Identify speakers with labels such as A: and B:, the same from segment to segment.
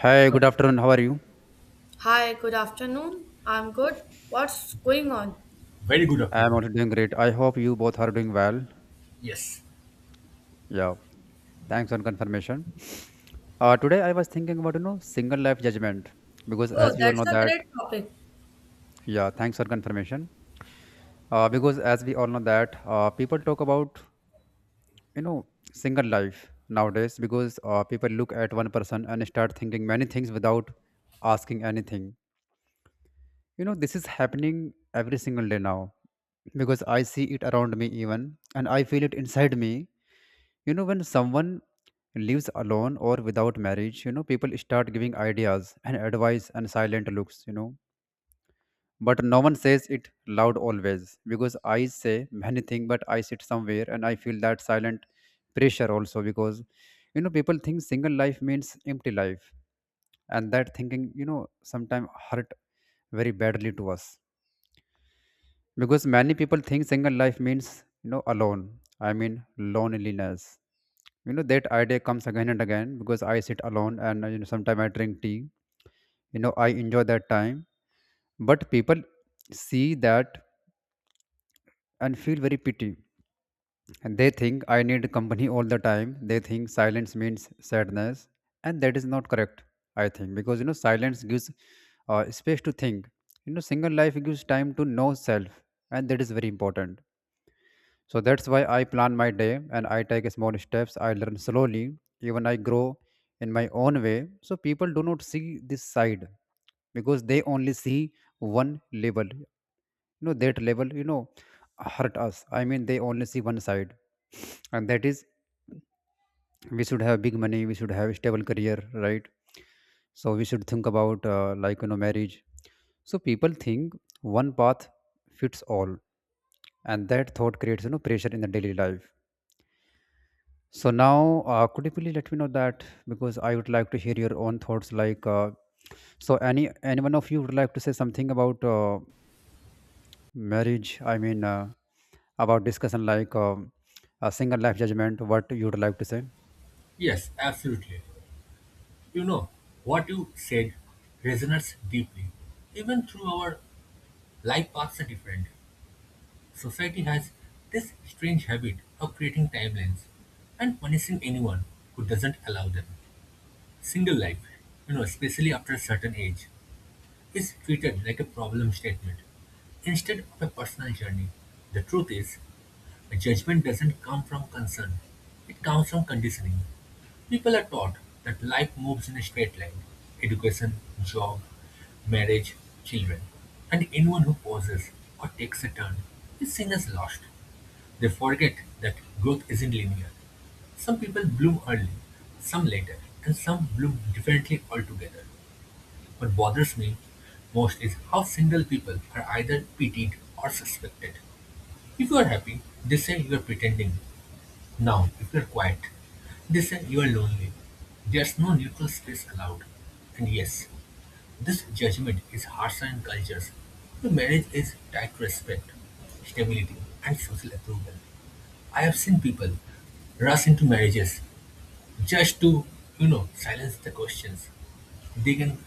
A: Hi,
B: Uh,
A: good afternoon. How are you?
C: Hi, good afternoon. I'm good. What's going on?
B: Very good
A: I am
B: afternoon.
A: also doing great. I hope you both are doing well.
B: Yes,
A: Yeah, thanks on confirmation. Today I was thinking about single life judgment because
C: Oh,
A: as we all know
C: that's a
A: that
C: great topic.
A: yeah, thanks for confirmation. Because as we all know that people talk about you know single life nowadays because people look at one person and start thinking many things without asking anything. You know, this is happening every single day now because I see it around me even and I feel it inside me. You know, when someone lives alone or without marriage, people start giving ideas and advice and silent looks. But no one says it loud always because I say many things, but I sit somewhere and I feel that silent pressure also because, people think single life means empty life. And that thinking, sometimes hurt very badly to us because many people think single life means, alone. I mean, loneliness. That idea comes again and again because I sit alone and sometimes I drink tea. I enjoy that time, but people see that and feel very pity, and they think I need company all the time. They think silence means sadness, and that is not correct, I think, because silence gives space to think. Single life gives time to know self, and that is very important. So that's why I plan my day and I take small steps. I learn slowly, even I grow in my own way. So people do not see this side because they only see one level. That level hurt us. I mean, they only see one side. And that is, we should have big money, we should have stable career, right? So we should think about, marriage. So people think one path fits all. And that thought creates, pressure in the daily life. So now, could you please let me know that, because I would like to hear your own thoughts. Like, so any one of you would like to say something about marriage? I mean, about discussion like a single life judgment. What you would like to say?
B: yes, absolutely. You know, what you said resonates deeply. Even through our life paths are different. Society has this strange habit of creating timelines and punishing anyone who doesn't allow them. Single life, you know, especially after a certain age, is treated like a problem statement instead of a personal journey. The truth is, a judgment doesn't come from concern, it comes from conditioning. People are taught that life moves in a straight line education, job, marriage, children. And anyone who pauses or takes a turn is seen as lost. They forget that growth isn't linear. Some people bloom early, some later, and some bloom differently altogether. What bothers me most is how single people are either pitied or suspected. If you are happy, they say you are pretending. Now, if you are quiet, they say you are lonely. There's no neutral space allowed. And yes, this judgment is harsher in cultures where marriage is tied to respect, stability, and social approval. I have seen people rush into marriages just to, you know, silence the questions, they gain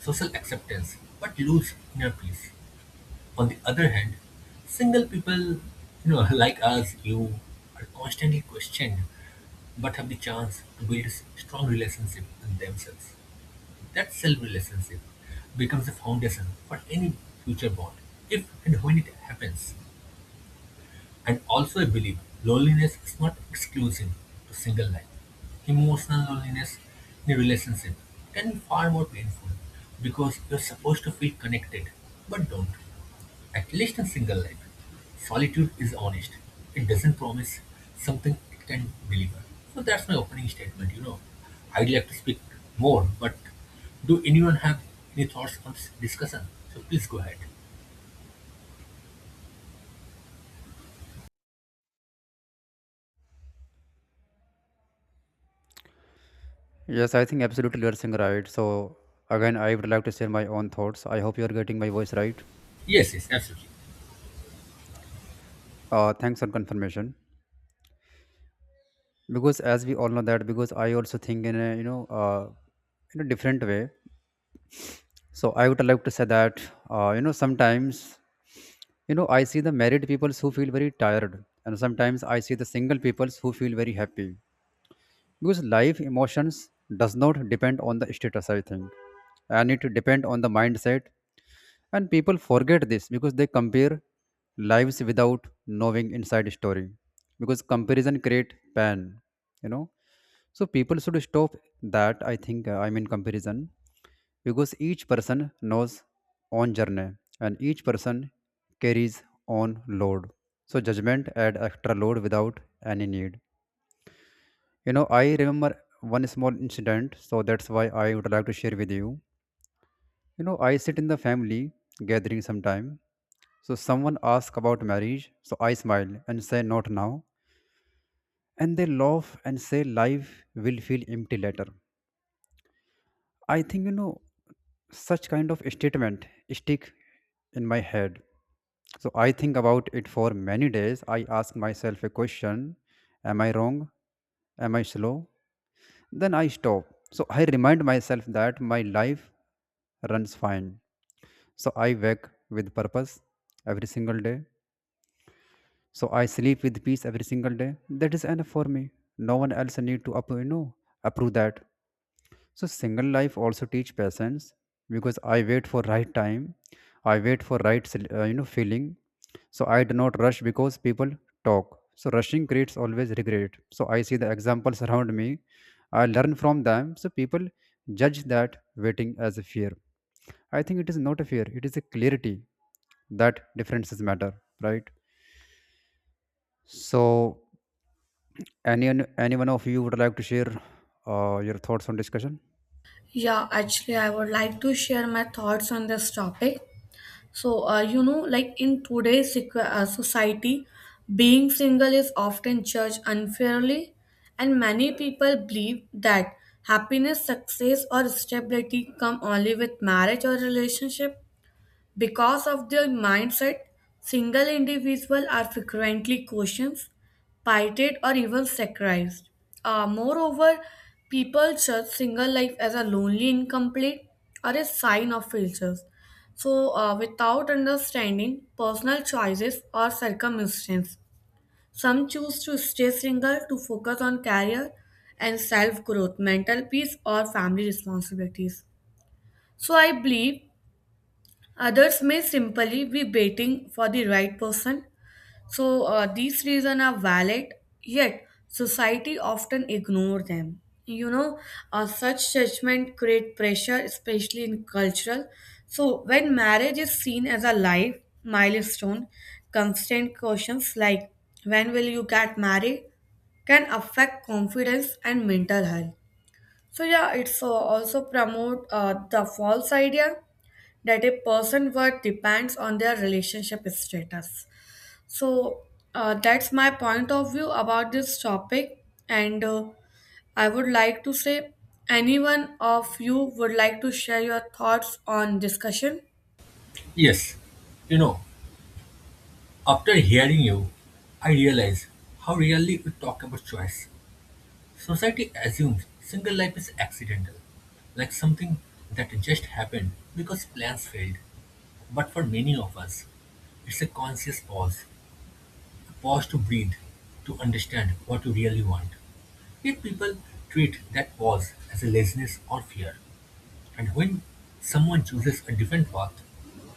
B: social acceptance but lose inner peace. On the other hand, single people, you know, like us, you are constantly questioned but have the chance to build strong relationship with themselves. That self relationship becomes the foundation for any future bond, if and when it happens. And also I believe loneliness is not exclusive to single life. Emotional loneliness in a relationship can be far more painful because you're supposed to feel connected but don't. At least in single life, solitude is honest. It doesn't promise something it can deliver. So that's my opening statement, you know. I'd like to speak more, but do anyone have any thoughts on this discussion? So please go ahead.
A: Yes, I think absolutely you're saying right. So again, I would like to share my own thoughts. I hope you're getting my voice right.
B: Yes, yes, absolutely.
A: Thanks for confirmation. Because as we all know that, because I also think in a in a different way. So I would like to say that sometimes I see the married people who feel very tired, and sometimes I see the single people who feel very happy because life emotions does not depend on the status, I think, and it depend on the mindset, and people forget this because they compare lives without knowing inside story, because comparison create pain you know so people should stop that, I think, I mean comparison, because each person knows own journey and each person carries own load. So judgment add extra load without any need. You know, I remember one small incident, so that's why I would like to share with you. You know, I sit in the family gathering sometime. So someone asks about marriage, so I smile and say not now. And they laugh and say life will feel empty later. I think such kind of statement stick in my head. So I think about it for many days. I ask myself a question, am I wrong? Am I slow? Then I stop. So I remind myself that my life runs fine. So I wake with purpose every single day. So I sleep with peace every single day. That is enough for me. No one else need to approve that. So single life also teach patience because I wait for right time, I wait for right feeling. So I do not rush because people talk. So rushing creates always regret. So I see the examples around me, I learn from them. So people judge that waiting as a fear. I think it is not a fear. It is a clarity that differences matter, right? So any any one of you would like to share your thoughts on discussion?
C: Yeah, actually, I would like to share my thoughts on this topic. So, you know, like in today's society, being single is often judged unfairly, and many people believe that happiness, success, or stability come only with marriage or relationship. Because of their mindset, single individuals are frequently questioned, pitied, or even sacred. Moreover, people judge single life as a lonely, incomplete, or a sign of failures. So, without understanding personal choices or circumstances, some choose to stay single to focus on career and self growth, mental peace, or family responsibilities. So I believe others may simply be waiting for the right person. So these reasons are valid, yet society often ignore them. You know, such judgment create pressure, especially in cultural. So when marriage is seen as a life milestone, constant questions like when will you get married can affect confidence and mental health. So yeah, it's also promote the false idea that a person's worth depends on their relationship status. So that's my point of view about this topic, and I would like to say, anyone of you would like to share your thoughts on discussion?
B: Yes, you know, after hearing you, I realize how rarely we talk about choice. Society assumes single life is accidental, like something that just happened because plans failed. But for many of us, it's a conscious pause, a pause to breathe, to understand what you really want. Yet people treat that pause as a laziness or fear. And when someone chooses a different path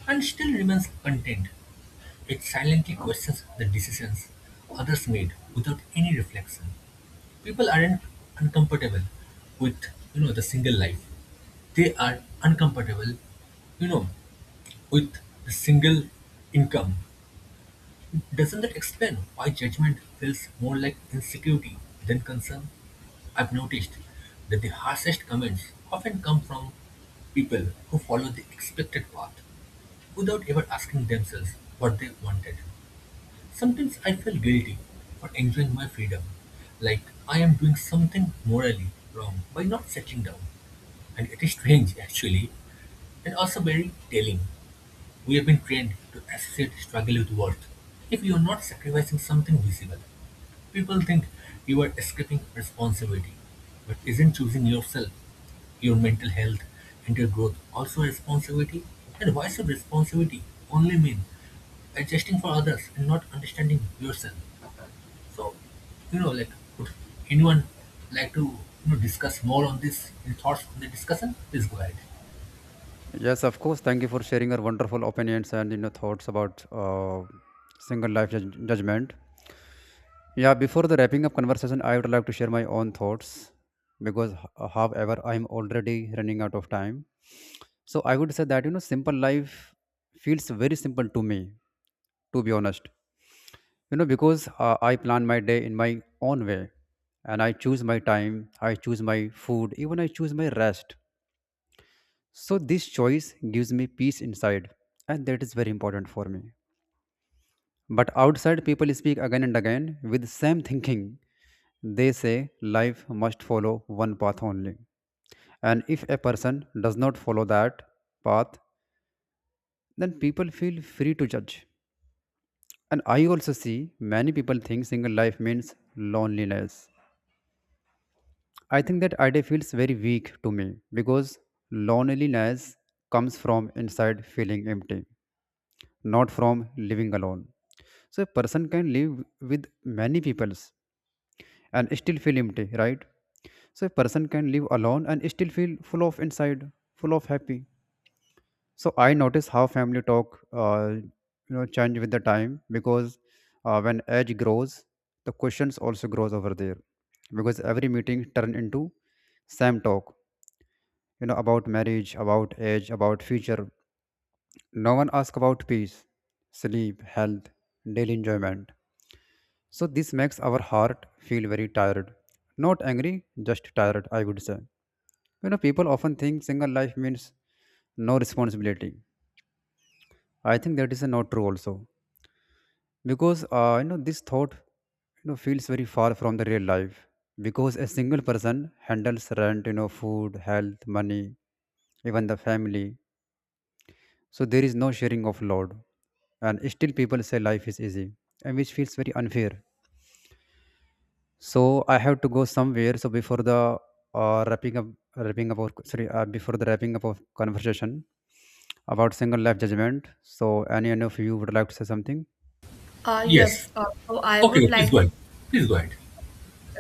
B: and still remains content, it silently questions the decisions others made without any reflection. People aren't uncomfortable with, you know, the single life. They are uncomfortable, you know, with the single income. Doesn't that explain why judgment feels more like insecurity than concern? I've noticed that the harshest comments often come from people who follow the expected path without ever asking themselves what they wanted. Sometimes I feel guilty for enjoying my freedom, like I am doing something morally wrong by not settling down. And it is strange, actually, and also very telling. We have been trained to associate struggle with worth. If you are not sacrificing something visible, people think you are escaping responsibility. But isn't choosing yourself, your mental health, and your growth also a responsibility? And why should responsibility only mean adjusting for others and not understanding yourself? So, you know, like, would anyone like to, you know, discuss more on this? Any thoughts on the discussion? Please go ahead.
A: Yes, of course. Thank you for sharing your wonderful opinions and thoughts about single life judgment. Yeah, before the wrapping up conversation, I would like to share my own thoughts because, however, I'm already running out of time. So I would say that simple life feels very simple to me, to be honest. You know, because I plan my day in my own way, and I choose my time, I choose my food, even I choose my rest. So this choice gives me peace inside, and that is very important for me. But outside, people speak again and again with same thinking. They say life must follow one path only, and if a person does not follow that path, then people feel free to judge. And I also see many people think single life means loneliness. I think that idea feels very weak to me because loneliness comes from inside feeling empty, not from living alone. So a person can live with many peoples and still feel empty, right? So a person can live alone and still feel full of inside, full of happy. So I notice how family talk, change with the time because when age grows, the questions also grows over there because every meeting turn into same talk, about marriage, about age, about future. No one ask about peace, sleep, health, daily enjoyment. So this makes our heart feel very tired. Not angry, just tired, I would say. You know, people often think single life means no responsibility. I think that is not true also. Because this thought feels very far from the real life. Because a single person handles rent, food, health, money, even the family. So there is no sharing of load. And still people say life is easy, and which feels very unfair. So I have to go somewhere. So before the uh, wrapping up, wrapping up, our, sorry, before the wrapping up of conversation about single life judgment. So any one of you would like to say something?
B: Yes.
C: Yes, so I
B: Okay,
C: would
B: please
C: like.
B: go ahead. Please go ahead.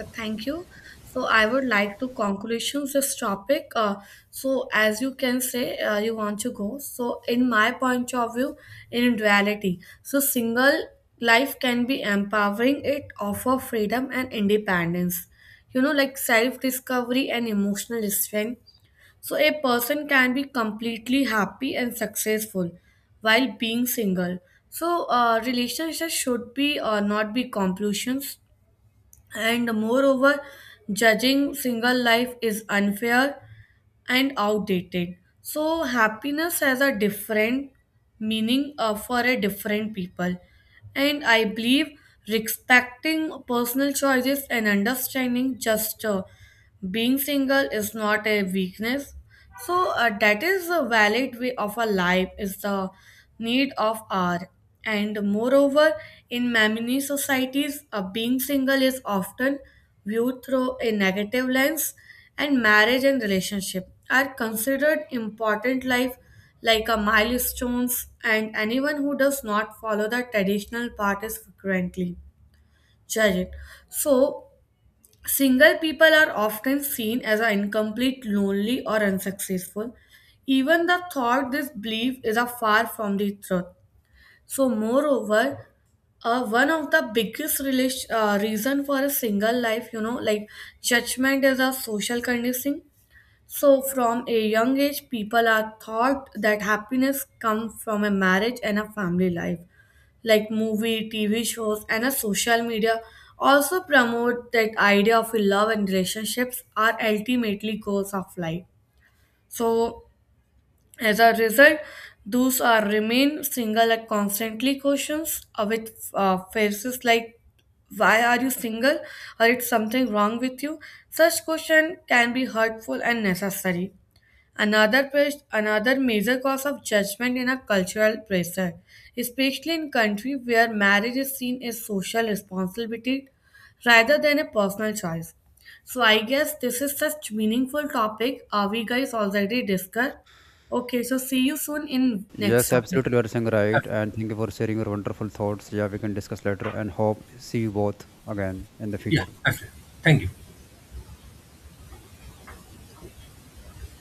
C: Thank you. So I would like to conclusions this topic, so as you can say, you want to go. So in my point of view, in duality, so single life can be empowering. It offer freedom and independence, you know, like self discovery and emotional strength. So a person can be completely happy and successful while being single. So relationships should be not be compulsions. And moreover, judging single life is unfair and outdated. So happiness has a different meaning for a different people, and I believe respecting personal choices and understanding just being single is not a weakness. So that is a valid way of a life is the need of our. And moreover, in Mamini societies, being single is often viewed through a negative lens, and marriage and relationship are considered important life like a milestones, and anyone who does not follow the traditional path is frequently judged. So, single people are often seen as an incomplete, lonely, or unsuccessful. Even the thought this belief is a far from the truth. So, moreover, one of the biggest reason for a single life, you know, like judgment is a social conditioning. So from a young age people are taught that happiness comes from a marriage and a family life, like movie tv shows and a social media, also promote that idea of love and relationships are ultimately goals of life. So as a result, those are remain single are constantly questions with faces like why are you single or it's something wrong with you. Such question can be hurtful and necessary. Another major cause of judgment in a cultural pressure, especially in countries where marriage is seen as social responsibility rather than a personal choice. So I guess this is such meaningful topic. Are we guys already discussed? Okay, so see you soon in next
A: Yes,
C: topic.
A: absolutely, you are saying right. And thank you for sharing your wonderful thoughts. Yeah, we can discuss later and hope see you both again in the
B: Yeah,
A: future.
B: absolutely. Thank you.